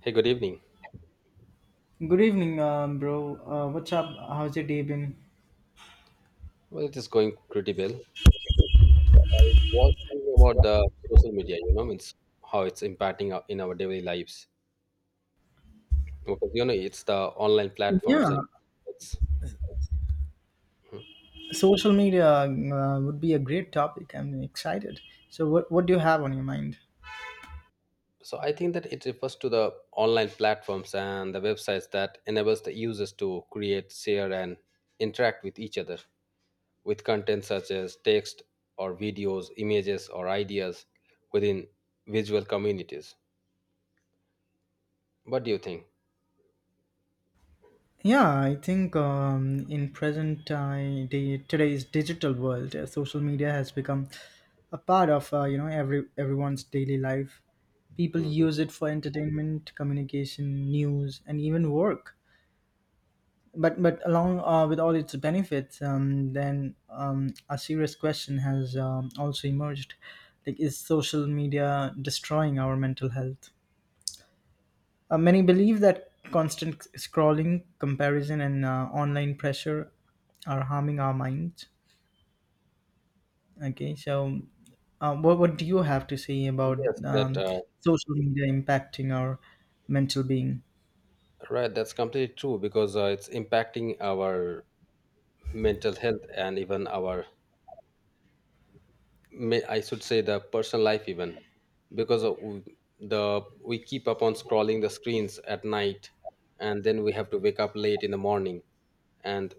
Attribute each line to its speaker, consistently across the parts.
Speaker 1: Hey, good evening.
Speaker 2: Good evening, bro. What's up? How's your day been?
Speaker 1: Well, it is going pretty well. I was thinking about the social media, you know, means how it's impacting in our daily lives. Because, you know, it's the online
Speaker 2: Yeah,
Speaker 1: platforms and it's, mhm,
Speaker 2: social media would be a great topic. I'm excited. So, what do you have on your mind?
Speaker 1: so I think that it refers to the online platforms and the websites that enables the users to create, share, and interact with each other with content such as text or videos, images or ideas within visual communities. What do you think?
Speaker 2: Yeah, I think in present day, today's digital world, social media has become a part of you know everyone's daily life. People
Speaker 1: Mhm.
Speaker 2: use it for entertainment, communication, news, and even work. But along with all its benefits, then a serious question has also emerged: like, is social media destroying our mental health? Many believe that constant scrolling, comparison, and online pressure are harming our minds. Okay, so what do you have to say about
Speaker 1: Yes, that
Speaker 2: social media impacting our mental being?
Speaker 1: Right, that's completely true because it's impacting our mental health and even I should say, the personal life even, because of w- the we keep up on scrolling the screens at night, and then we have to wake up late in the morning, and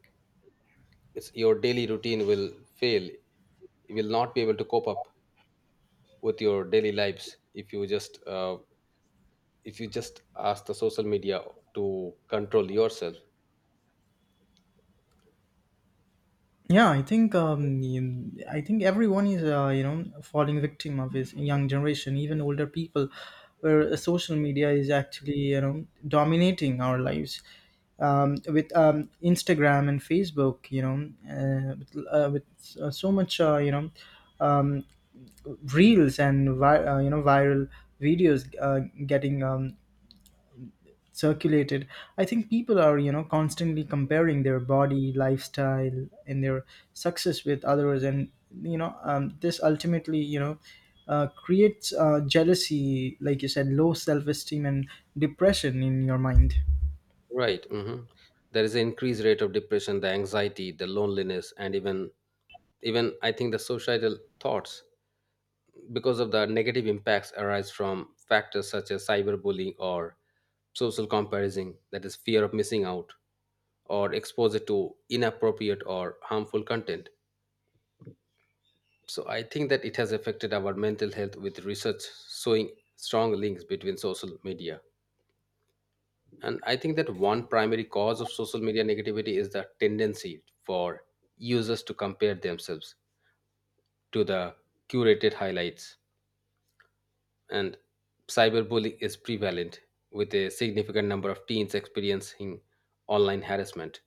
Speaker 1: your daily routine will fail. You will not be able to cope up with your daily lives if you just ask the social media to control yourself.
Speaker 2: Yeah, I think I think everyone is you know falling victim of this young generation, even older people, where social media is actually you know dominating our lives. With Instagram and Facebook, you know, with so much you know um, reels and you know viral videos getting circulated. I think people are you know constantly comparing their body, lifestyle, and their success with others, and you know this ultimately you know creates jealousy, like you said, low self-esteem and depression in your mind.
Speaker 1: Right. Mhm. There is an increased rate of depression, the anxiety, the loneliness, and even I think the societal thoughts because of the negative impacts arise from factors such as cyberbullying or social comparison, that is fear of missing out or exposure to inappropriate or harmful content. So I think that it has affected our mental health with research showing strong links between social media. And I think that one primary cause of social media negativity is the tendency for users to compare themselves to the curated highlights. And cyberbullying is prevalent with a significant number of teens experiencing online harassment.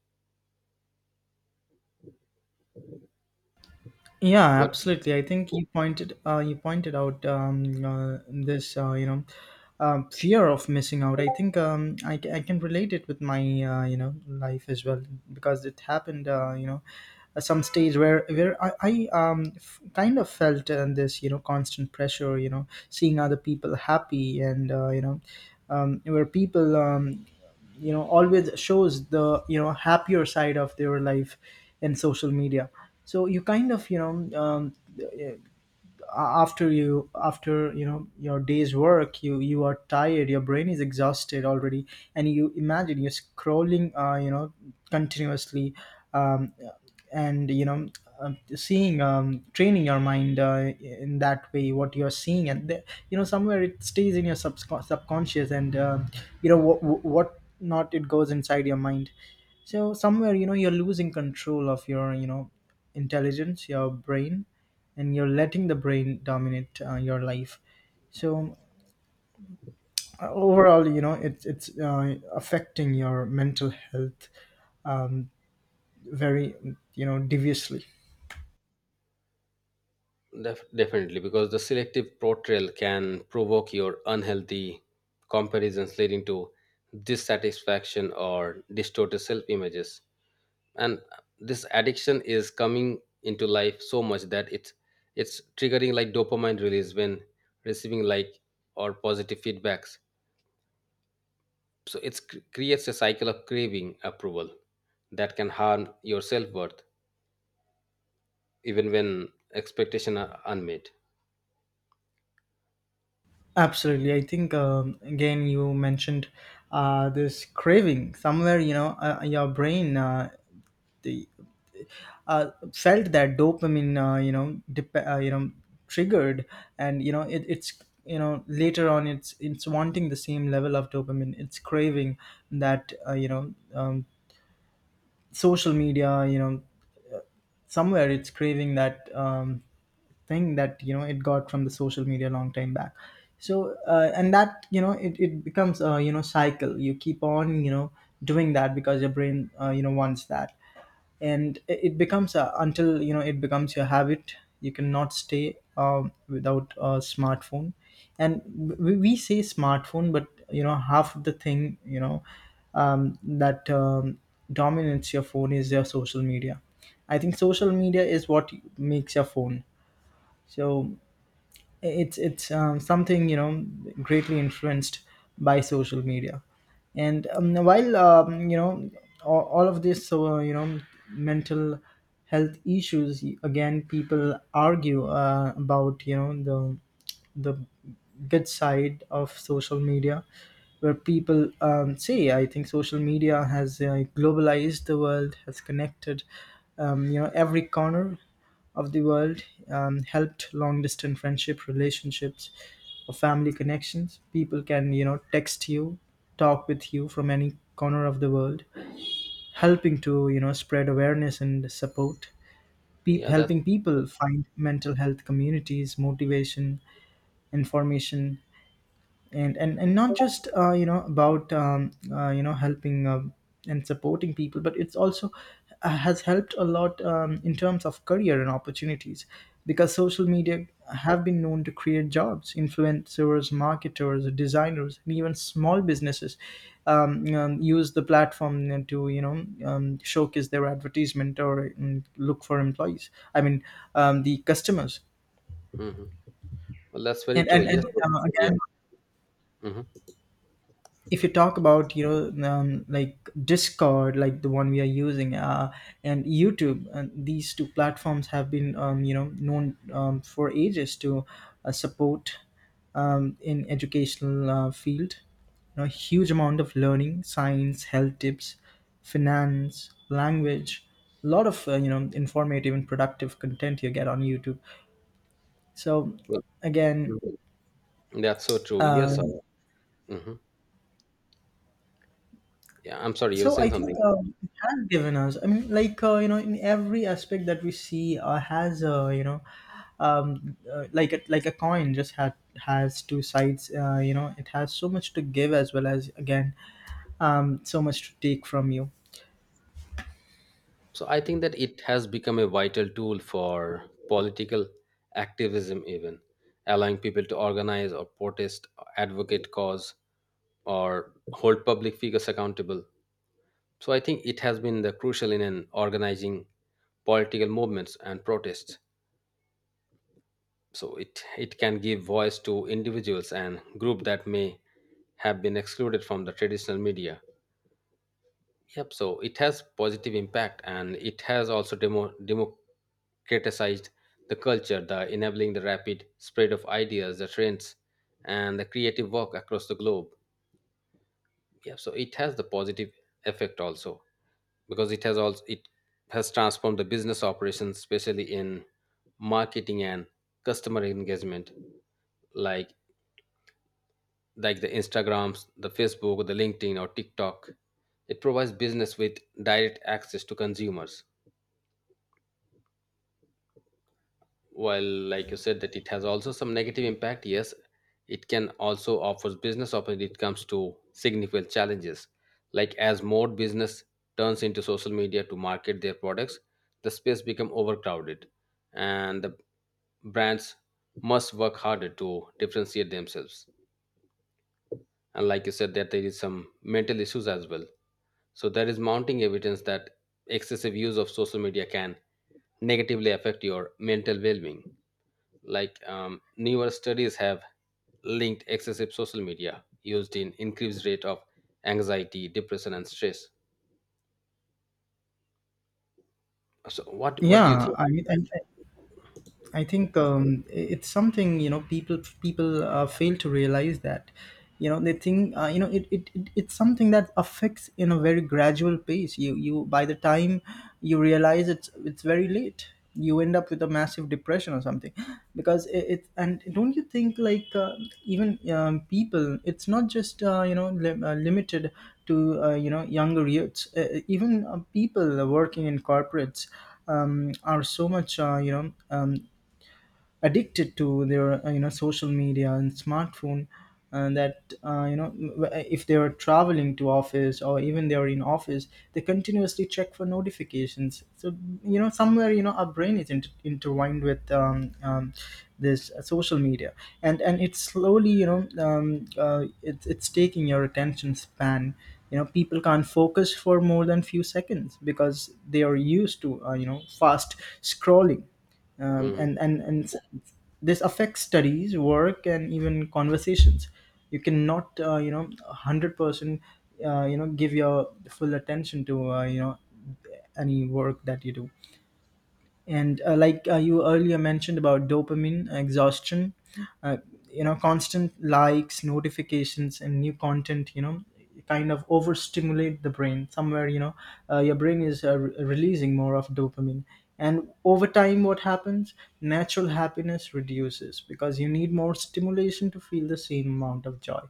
Speaker 2: Yeah,
Speaker 1: What?
Speaker 2: absolutely. I think you pointed out this you know fear of missing out. I think I can relate it with my you know life as well because it happened you know at some stage where I kind of felt this you know constant pressure, you know, seeing other people happy and you know where people you know always shows the you know happier side of their life in social media. So you kind of you know after you know your day's work, you are tired, your brain is exhausted already, and you imagine you're scrolling you know continuously, um, and you know seeing, training your mind in that way what you're seeing and the, you know, somewhere it stays in your subscon subconscious and you know what not it goes inside your mind. So somewhere you know you're losing control of your you know intelligence, your brain, and you're letting the brain dominate your life. So overall you know it's affecting your mental health, um, very you know deviously.
Speaker 1: Definitely, because the selective portrayal can provoke your unhealthy comparisons leading to dissatisfaction or distorted self images, and this addiction is coming into life so much that it's triggering like dopamine release when receiving like or positive feedbacks. So it creates a cycle of craving approval that can harm your self-worth even when expectations are unmet.
Speaker 2: Absolutely, I think again you mentioned this craving. Somewhere you know your brain the felt that dopamine you know you know triggered, and you know it, it's you know later on it's wanting the same level of dopamine. It's craving that you know social media. You know somewhere it's craving that thing that you know it got from the social media long time back. So and that you know it, it becomes a you know cycle. You keep on you know doing that because your brain you know wants that. And it becomes a, until you know it becomes your habit, you cannot stay without a smartphone. And we say smartphone, but you know half of the thing you know that dominates your phone is your social media. I think social media is what makes your phone. So it's something you know greatly influenced by social media. And while you know all of this. So you know mental health issues, again people argue about you know the good side of social media, where people say, I think social media has globalized the world, has connected you know every corner of the world, helped long distance friendship, relationships, or family connections. People can you know text you, talk with you from any corner of the world, helping to you know spread awareness and support,
Speaker 1: Yeah, that's—
Speaker 2: helping people find mental health communities, motivation, information. And not just you know about you know helping and supporting people, but it's also has helped a lot in terms of career and opportunities, because social media have been known to create jobs, influencers, marketers, designers, and even small businesses use the platform to you know showcase their advertisement or look for employees. I mean, the customers.
Speaker 1: Mhm. Well, that's very
Speaker 2: and
Speaker 1: true.
Speaker 2: and,
Speaker 1: Yes.
Speaker 2: and uh,
Speaker 1: Yeah.
Speaker 2: again,
Speaker 1: Hmm.
Speaker 2: if you talk about you know like Discord, like the one we are using, and YouTube, and these two platforms have been you know known for ages to support in educational field. You know, huge amount of learning, science, health tips, finance, language, a lot of you know informative and productive content you get on YouTube. So
Speaker 1: Well,
Speaker 2: again
Speaker 1: mhm, that's so true. Yes,
Speaker 2: uh,
Speaker 1: sir. Hmm. Yeah, I'm sorry, you were
Speaker 2: so I
Speaker 1: saying
Speaker 2: think
Speaker 1: something.
Speaker 2: it has given us. I mean, like you know, in every aspect that we see has you know, like a coin just had has two sides. You know, it has so much to give, as well as again, so much to take from you.
Speaker 1: So I think that it has become a vital tool for political activism, even allowing people to organize or protest, advocate cause, or hold public figures accountable. So I think it has been the crucial in an organizing political movements and protests. So it can give voice to individuals and group that may have been excluded from the traditional media. Yep. So it has positive impact, and it has also democratized the culture, the enabling the rapid spread of ideas, the trends, and the creative work across the globe. Yeah. So it has the positive effect also, because it has also it has transformed the business operations, especially in marketing and customer engagement, like like the Instagrams, the Facebook, the LinkedIn, or TikTok. It provides business with direct access to consumers while like you said that it has also some negative impact. Yes, it can also offers business opportunity, it comes to significant challenges, like as more business turns into social media to market their products, the space become overcrowded, and the brands must work harder to differentiate themselves. And like you said that there is some mental issues as well, so there is mounting evidence that excessive use of social media can negatively affect your mental well-being. Newer studies have linked excessive social media used in increased rate of anxiety, depression and stress. So what do you
Speaker 2: Yeah,
Speaker 1: think?
Speaker 2: I mean, and, I think it's something you know people fail to realize that you know they think you know it's something that affects in a very gradual pace. You by the time you realize it's very late. You end up with a massive depression or something because it and don't you think like even people it's not just you know limited to you know younger youths, even people working in corporates are so much you know addicted to their you know social media and smartphone. And that you know if they are traveling to office or even they are in office, they continuously check for notifications. So you know somewhere you know our brain is intertwined with this social media. And it's slowly you know it's taking your attention span. You know people can't focus for more than few seconds because they are used to you know fast scrolling, um,
Speaker 1: Mhm.
Speaker 2: and and and s- this affects studies, work, and even conversations. You cannot you know 100% you know give your full attention to you know any work that you do. And like you earlier mentioned about dopamine exhaustion, uh, you know constant likes, notifications, and new content, you know, kind of overstimulate the brain. Somewhere you know your brain is releasing more of dopamine. And over time what happens, natural happiness reduces because you need more stimulation to feel the same amount of joy.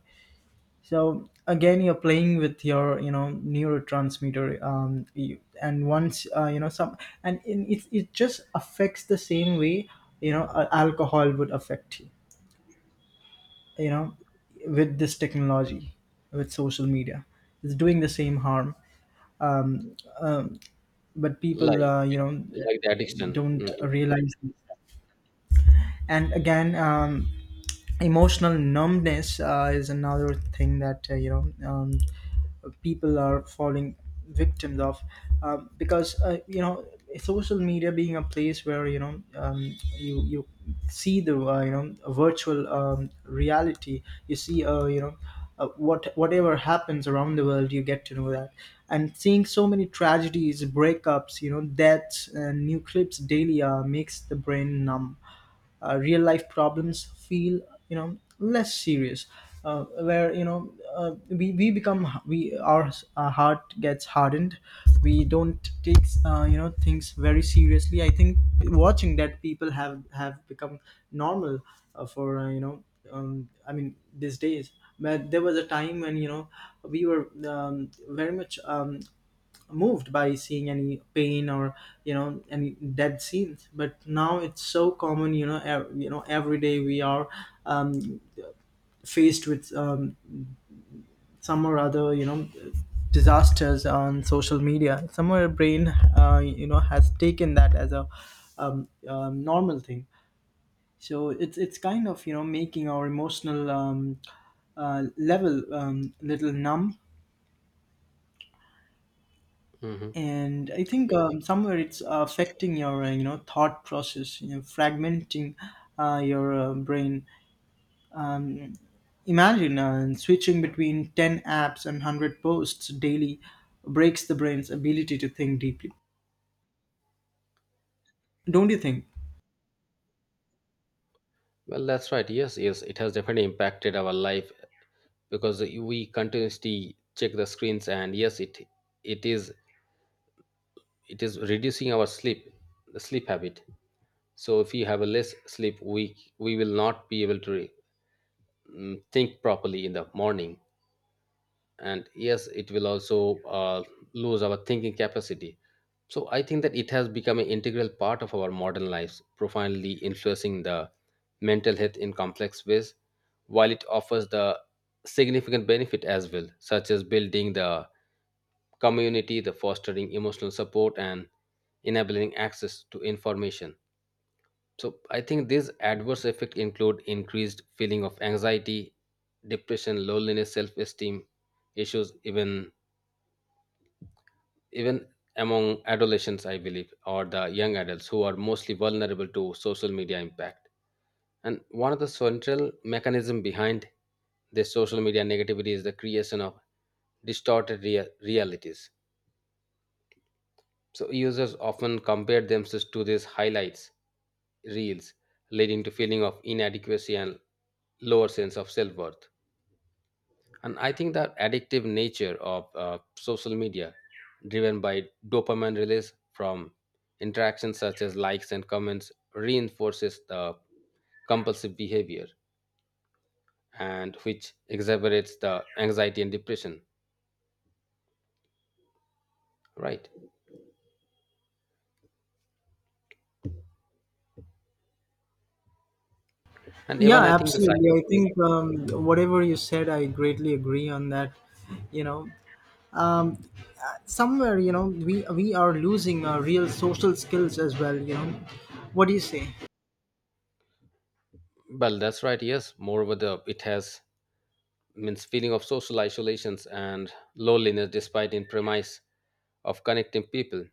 Speaker 2: So again you're playing with your you know neurotransmitter, you, and once you know some and in, it just affects the same way you know alcohol would affect you, you know, with this technology, with social media, it's doing the same harm. um, um but people
Speaker 1: Like,
Speaker 2: you
Speaker 1: yeah,
Speaker 2: know
Speaker 1: like the addiction.
Speaker 2: don't
Speaker 1: Mhm.
Speaker 2: realize this. And again, emotional numbness is another thing that you know people are falling victims of, because you know social media being a place where you know you see the you know virtual reality, you see you know whatever happens around the world you get to know that. And seeing so many tragedies, breakups, you know, deaths, and new clips daily makes the brain numb. Real life problems feel you know less serious, where you know we become we our heart gets hardened. We don't take you know things very seriously. I think watching that, people have become normal for you know I mean these days. But there was a time when you know we were very much moved by seeing any pain or you know any dead scenes, but now it's so common. You know you know every day we are um, faced with some or other, you know, disasters on social media. Somewhere brain you know has taken that as a normal thing. So it's kind of you know making our emotional level little numb.
Speaker 1: Mhm.
Speaker 2: And I think somewhere it's affecting your you know thought process, you know fragmenting your brain. Imagine switching between 10 apps and 100 posts daily breaks the brain's ability to think deeply. Don't you think?
Speaker 1: Well, that's right. Yes, yes, it has definitely impacted our life because we continuously check the screens, and yes, it is it is reducing our sleep, the sleep habit. So if we have a less sleep, we will not be able to think properly in the morning. And yes, it will also lose our thinking capacity. So I think that it has become an integral part of our modern lives, profoundly influencing the mental health in complex ways, while it offers the significant benefit as well, such as building the community, the fostering emotional support, and enabling access to information. So I think these adverse effects include increased feeling of anxiety, depression, loneliness, self-esteem issues, even among adolescents, I believe, or the young adults who are mostly vulnerable to social media impact. And one of the central mechanism behind this social media negativity is the creation of distorted realities. So users often compare themselves to these highlights reels, leading to feeling of inadequacy and lower sense of self-worth. And I think the addictive nature of social media, driven by dopamine release from interactions such as likes and comments, reinforces the compulsive behavior, and which exacerbates the anxiety and depression. Right. And
Speaker 2: Yeah,
Speaker 1: even I think the
Speaker 2: absolutely. I
Speaker 1: cyberbullying.
Speaker 2: think whatever you said I greatly agree on that. You know, um, somewhere you know we are losing our real social skills as well, what do you say?
Speaker 1: Well, that's right. Yes. Moreover, the it has means feeling of social isolations and loneliness despite in premise of connecting people.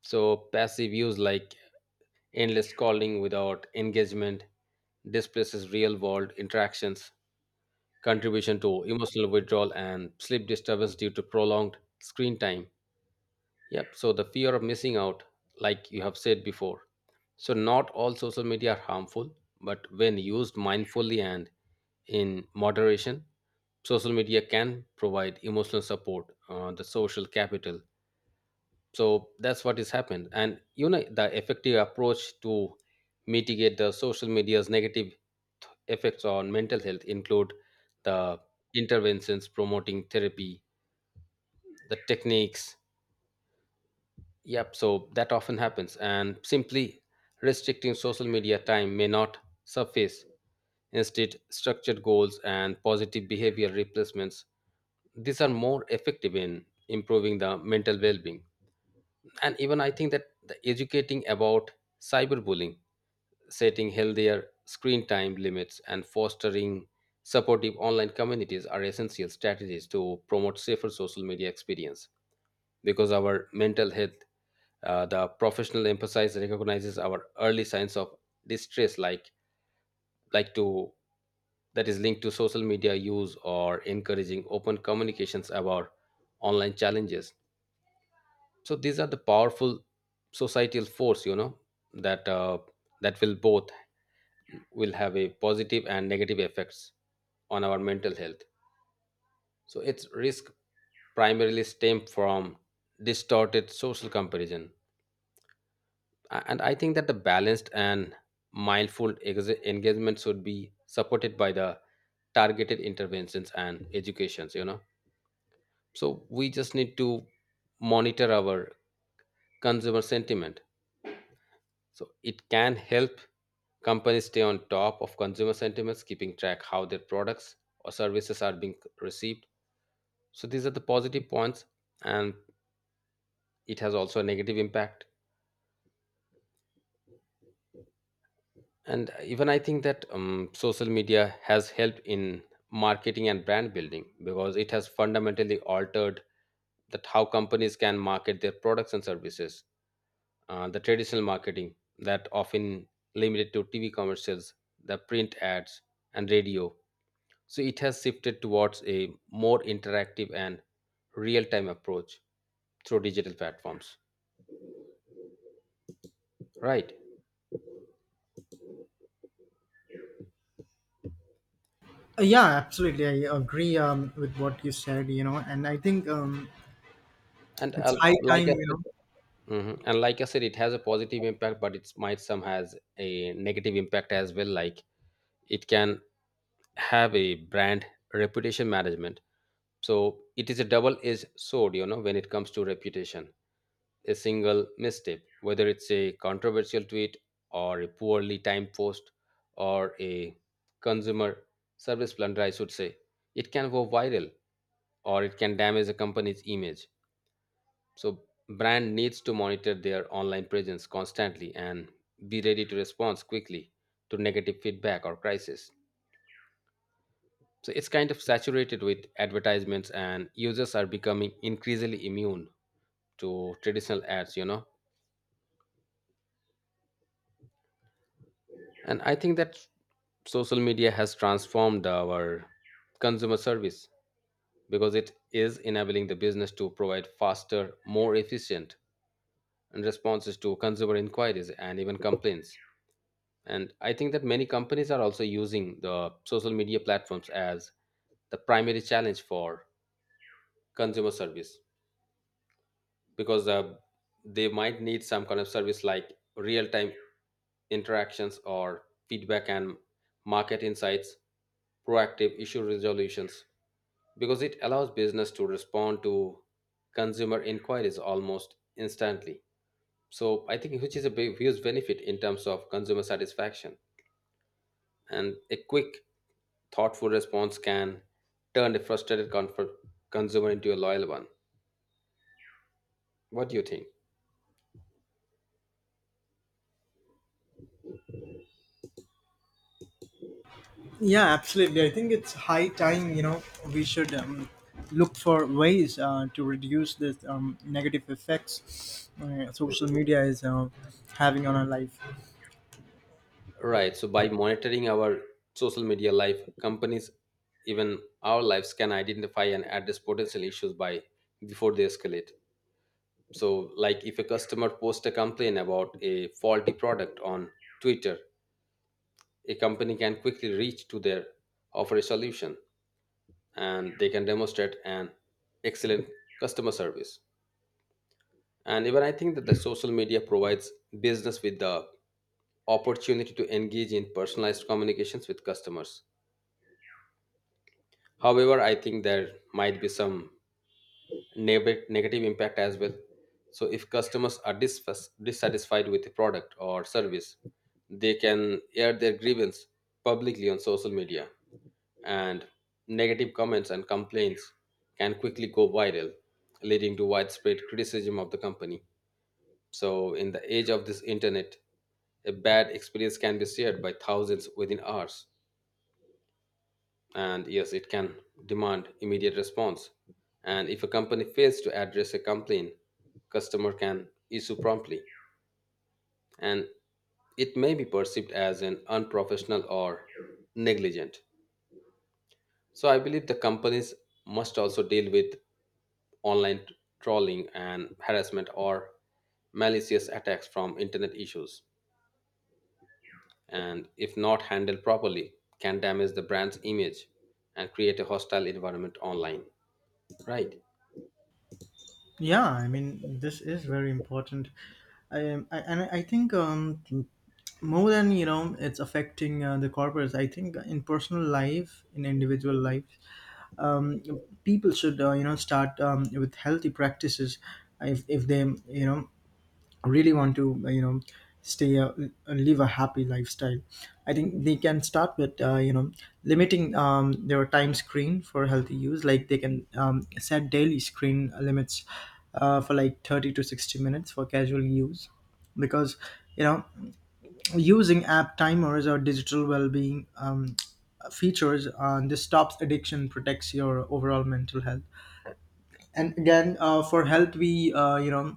Speaker 1: So passive use like endless calling without engagement displaces real world interactions, contribution to emotional withdrawal and sleep disturbance due to prolonged screen time. Yep. So the fear of missing out, like you have said before. So not all social media are harmful, but when used mindfully and in moderation, social media can provide emotional support, the social capital. So that's what has happened. And you know the effective approach to mitigate the social media's negative effects on mental health include the interventions promoting therapy, the techniques. Yep, so that often happens, and simply restricting social media time may not suffice. Instead, structured goals and positive behavior replacements, these are more effective in improving the mental well-being. And even I think that the educating about cyberbullying, setting healthier screen time limits, and fostering supportive online communities are essential strategies to promote safer social media experience, because our mental health the professional emphasis recognizes our early signs of distress, like to that is linked to social media use or encouraging open communications about online challenges. So these are the powerful societal force, you know, that uh, that will both will have a positive and negative effects on our mental health. So its risk primarily stem from distorted social comparison. And I think that the balanced and mindful engagement should be supported by the targeted interventions and educations, you know. So we just need to monitor our consumer sentiment, so it can help companies stay on top of consumer sentiments, keeping track how their products or services are being received. So these are the positive points, and it has also a negative impact. And even I think that social media has helped in marketing and brand building, because it has fundamentally altered that how companies can market their products and services. The traditional marketing that often limited to TV commercials, the print ads, and radio, so it has shifted towards a more interactive and real-time approach through digital platforms, right?
Speaker 2: Yeah, absolutely. I agree with what you said, and I think
Speaker 1: And
Speaker 2: it's high
Speaker 1: like
Speaker 2: time.
Speaker 1: I
Speaker 2: You know.
Speaker 1: said— Mhm. And like I said, it has a positive impact, but it might some has a negative impact as well. Like, it can have a brand reputation management. So it is a double-edged sword, you know, when it comes to reputation. A single misstep, whether it's a controversial tweet or a poorly timed post or a consumer service blunder, I should say, it can go viral or it can damage a company's image. So brand needs to monitor their online presence constantly and be ready to respond quickly to negative feedback or crisis. So it's kind of saturated with advertisements, and users are becoming increasingly immune to traditional ads, you know. And I think that social media has transformed our consumer service, because it is enabling the business to provide faster, more efficient and responses to consumer inquiries and even complaints. And I think that many companies are also using the social media platforms as the primary challenge for consumer service, because they might need some kind of service like real time interactions or feedback and market insights, proactive issue resolutions, because it allows business to respond to consumer inquiries almost instantly. So I think which is a big huge benefit in terms of consumer satisfaction, and a quick thoughtful response can turn a frustrated comfort consumer into a loyal one. What do you think?
Speaker 2: Yeah, absolutely. I think it's high time. You know, we should look for ways to reduce this negative effects social media is having on our life.
Speaker 1: Right. So by monitoring our social media life, companies, even our lives, can identify and address potential issues by before they escalate. So, like if a customer posts a complaint about a faulty product on Twitter, a company can quickly reach to their offer a solution, and they can demonstrate an excellent customer service. And even I think that the social media provides business with the opportunity to engage in personalized communications with customers. However, I think there might be some negative impact as well. So, if customers are dissatisfied with a product or service, they can air their grievance publicly on social media, and negative comments and complaints can quickly go viral, leading to widespread criticism of the company. So, in the age of this internet, a bad experience can be shared by thousands within hours. And yes, it can demand immediate response. And if a company fails to address a complaint, customer can issue promptly. And it may be perceived as an unprofessional or negligent. So I believe the companies must also deal with online trolling and harassment or malicious attacks from internet issues. And if not handled properly, can damage the brand's image and create a hostile environment online, right?
Speaker 2: Yeah, I mean, this is very important. I, am- I and I think more than, it's affecting the corporates. I think in personal life, in individual life, um, people should, uh, start with healthy practices if, if they you know really want to, uh, stay a live a happy lifestyle. I think they can start with, uh, limiting their time screen for healthy use. Like, they can set daily screen limits for like 30 to 60 minutes for casual use, because, you know using app timers or digital well-being features, this stops addiction, protects your overall mental health. And again, for health we, uh, you know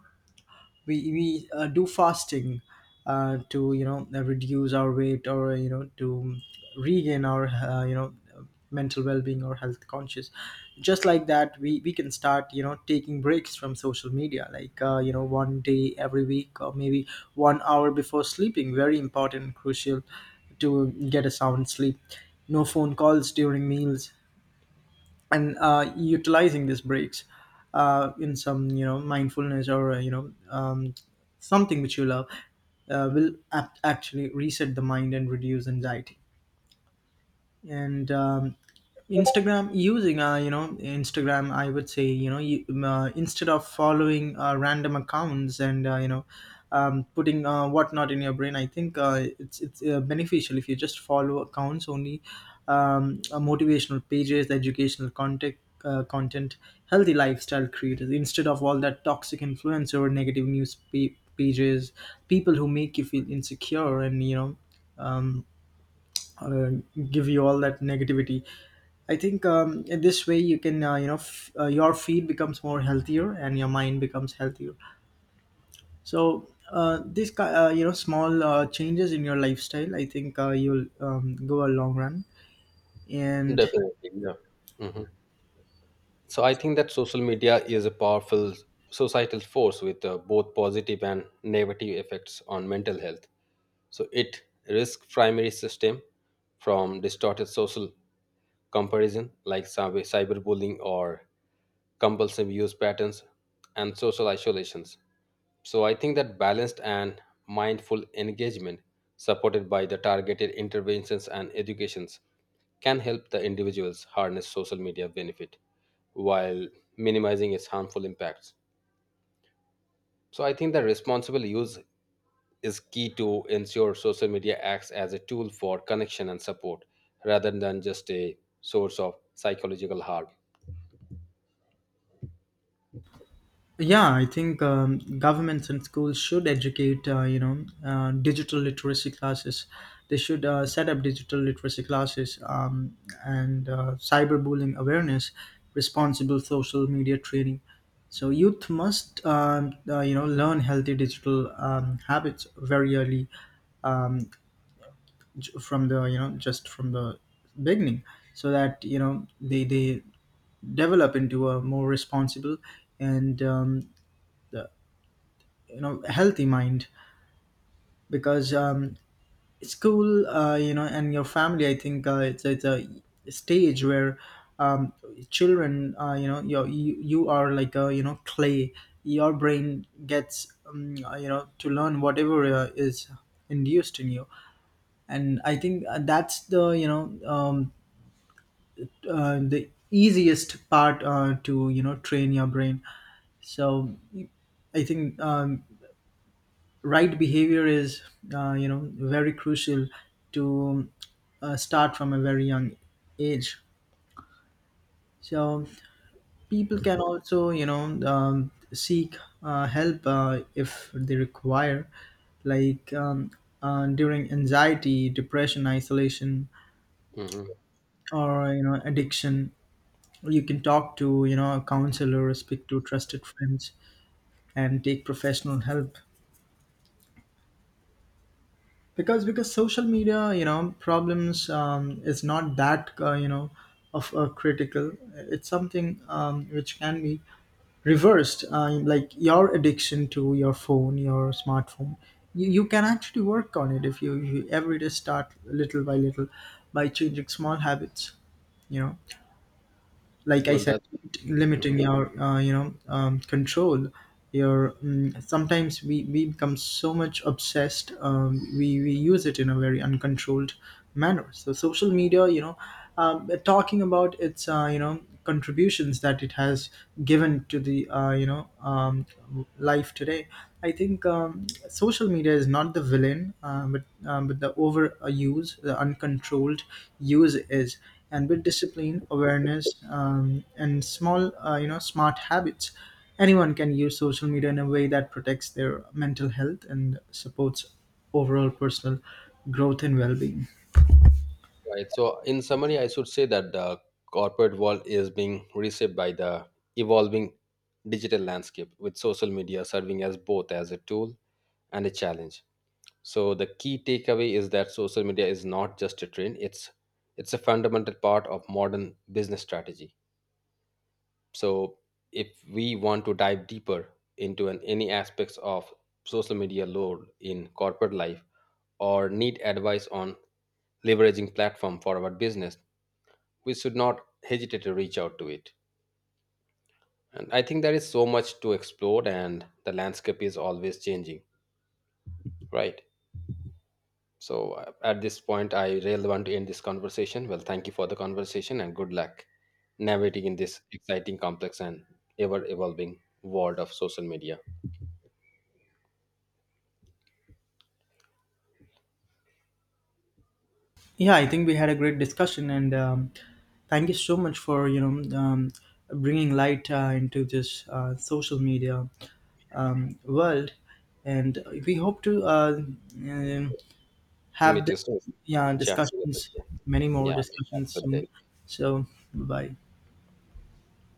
Speaker 2: we we uh, do fasting to, reduce our weight, or, to regain our, uh, mental well-being or health conscious. Just like that, we can start, taking breaks from social media, like, uh, one day every week, or maybe one hour before sleeping. Very important, crucial to get a sound sleep. No phone calls during meals. And utilizing these breaks in some, mindfulness, or uh, something which you love will actually reset the mind and reduce anxiety. And Instagram, using, uh, Instagram, I would say, instead of following random accounts and, uh, putting whatnot in your brain, I think it's beneficial if you just follow accounts only, motivational pages, educational content, content, healthy lifestyle creators, instead of all that toxic influence or negative pages, people who make you feel insecure, and um, uh, give you all that negativity. I think in this way you can, uh, your feed becomes more healthier and your mind becomes healthier. So these small changes in your lifestyle, I think you'll go a long run. And
Speaker 1: Definitely, yeah. So I think that social media is a powerful societal force with both positive and negative effects on mental health. So it risks primary system from distorted social comparison, like cyberbullying or compulsive use patterns and social isolations. So I think that balanced and mindful engagement, supported by the targeted interventions and educations, can help the individuals harness social media benefit while minimizing its harmful impacts. So I think that responsible use is key to ensure social media acts as a tool for connection and support rather than just a source of psychological harm.
Speaker 2: yeah, I think governments and schools should educate, digital literacy classes. They should set up digital literacy classes, and cyberbullying awareness, responsible social media training. So youth must, learn healthy digital habits very early, um, from the, just from the beginning, so that, they develop into a more responsible and healthy mind. Because school, uh, and your family, I think it's a stage where um, children, uh, you are like a, clay. Your brain gets, um, to learn whatever is induced in you. And I think that's the, the easiest part to, train your brain. So I think right behavior is, uh, very crucial to start from a very young age. So people can also, seek help if they require, like during anxiety, depression, isolation,
Speaker 1: Mhm.
Speaker 2: or, addiction. You can talk to, a counselor, speak to trusted friends, and take professional help, because social media, problems is not that, uh, of critical. It's something which can be reversed, like your addiction to your phone, your smartphone. You can actually work on it if you every day start little by little, by changing small habits, you know like I
Speaker 1: Well,
Speaker 2: said,
Speaker 1: that's—
Speaker 2: limiting
Speaker 1: mhm,
Speaker 2: your, uh, control your sometimes we become so much obsessed, we use it in a very uncontrolled manner. So social media, talking about its, you know contributions that it has given to the, uh, life today. I think social media is not the villain, but but the overuse, the uncontrolled use is. And with discipline, awareness, and small, uh, smart habits, anyone can use social media in a way that protects their mental health and supports overall personal growth and well-being.
Speaker 1: right. So, in summary, I should say that the corporate world is being reshaped by the evolving digital landscape, with social media serving as both as a tool and a challenge. So, the key takeaway is that social media is not just a trend; it's a fundamental part of modern business strategy. So, if we want to dive deeper into any aspects of social media load in corporate life or need advice on leveraging platform for our business, we should not hesitate to reach out to it. And I think there is so much to explore, and the landscape is always changing, right? So, at this point, I really want to end this conversation. Well, thank you for the conversation and good luck navigating in this exciting, complex, and ever evolving world of social media.
Speaker 2: Yeah, I think we had a great discussion, and thank you so much for, bringing light into this social media world. And we hope to um have
Speaker 1: Мы
Speaker 2: this,
Speaker 1: тоже
Speaker 2: yeah,
Speaker 1: часто
Speaker 2: discussions,
Speaker 1: это
Speaker 2: many more discussions soon.
Speaker 1: делаем.
Speaker 2: So, bye.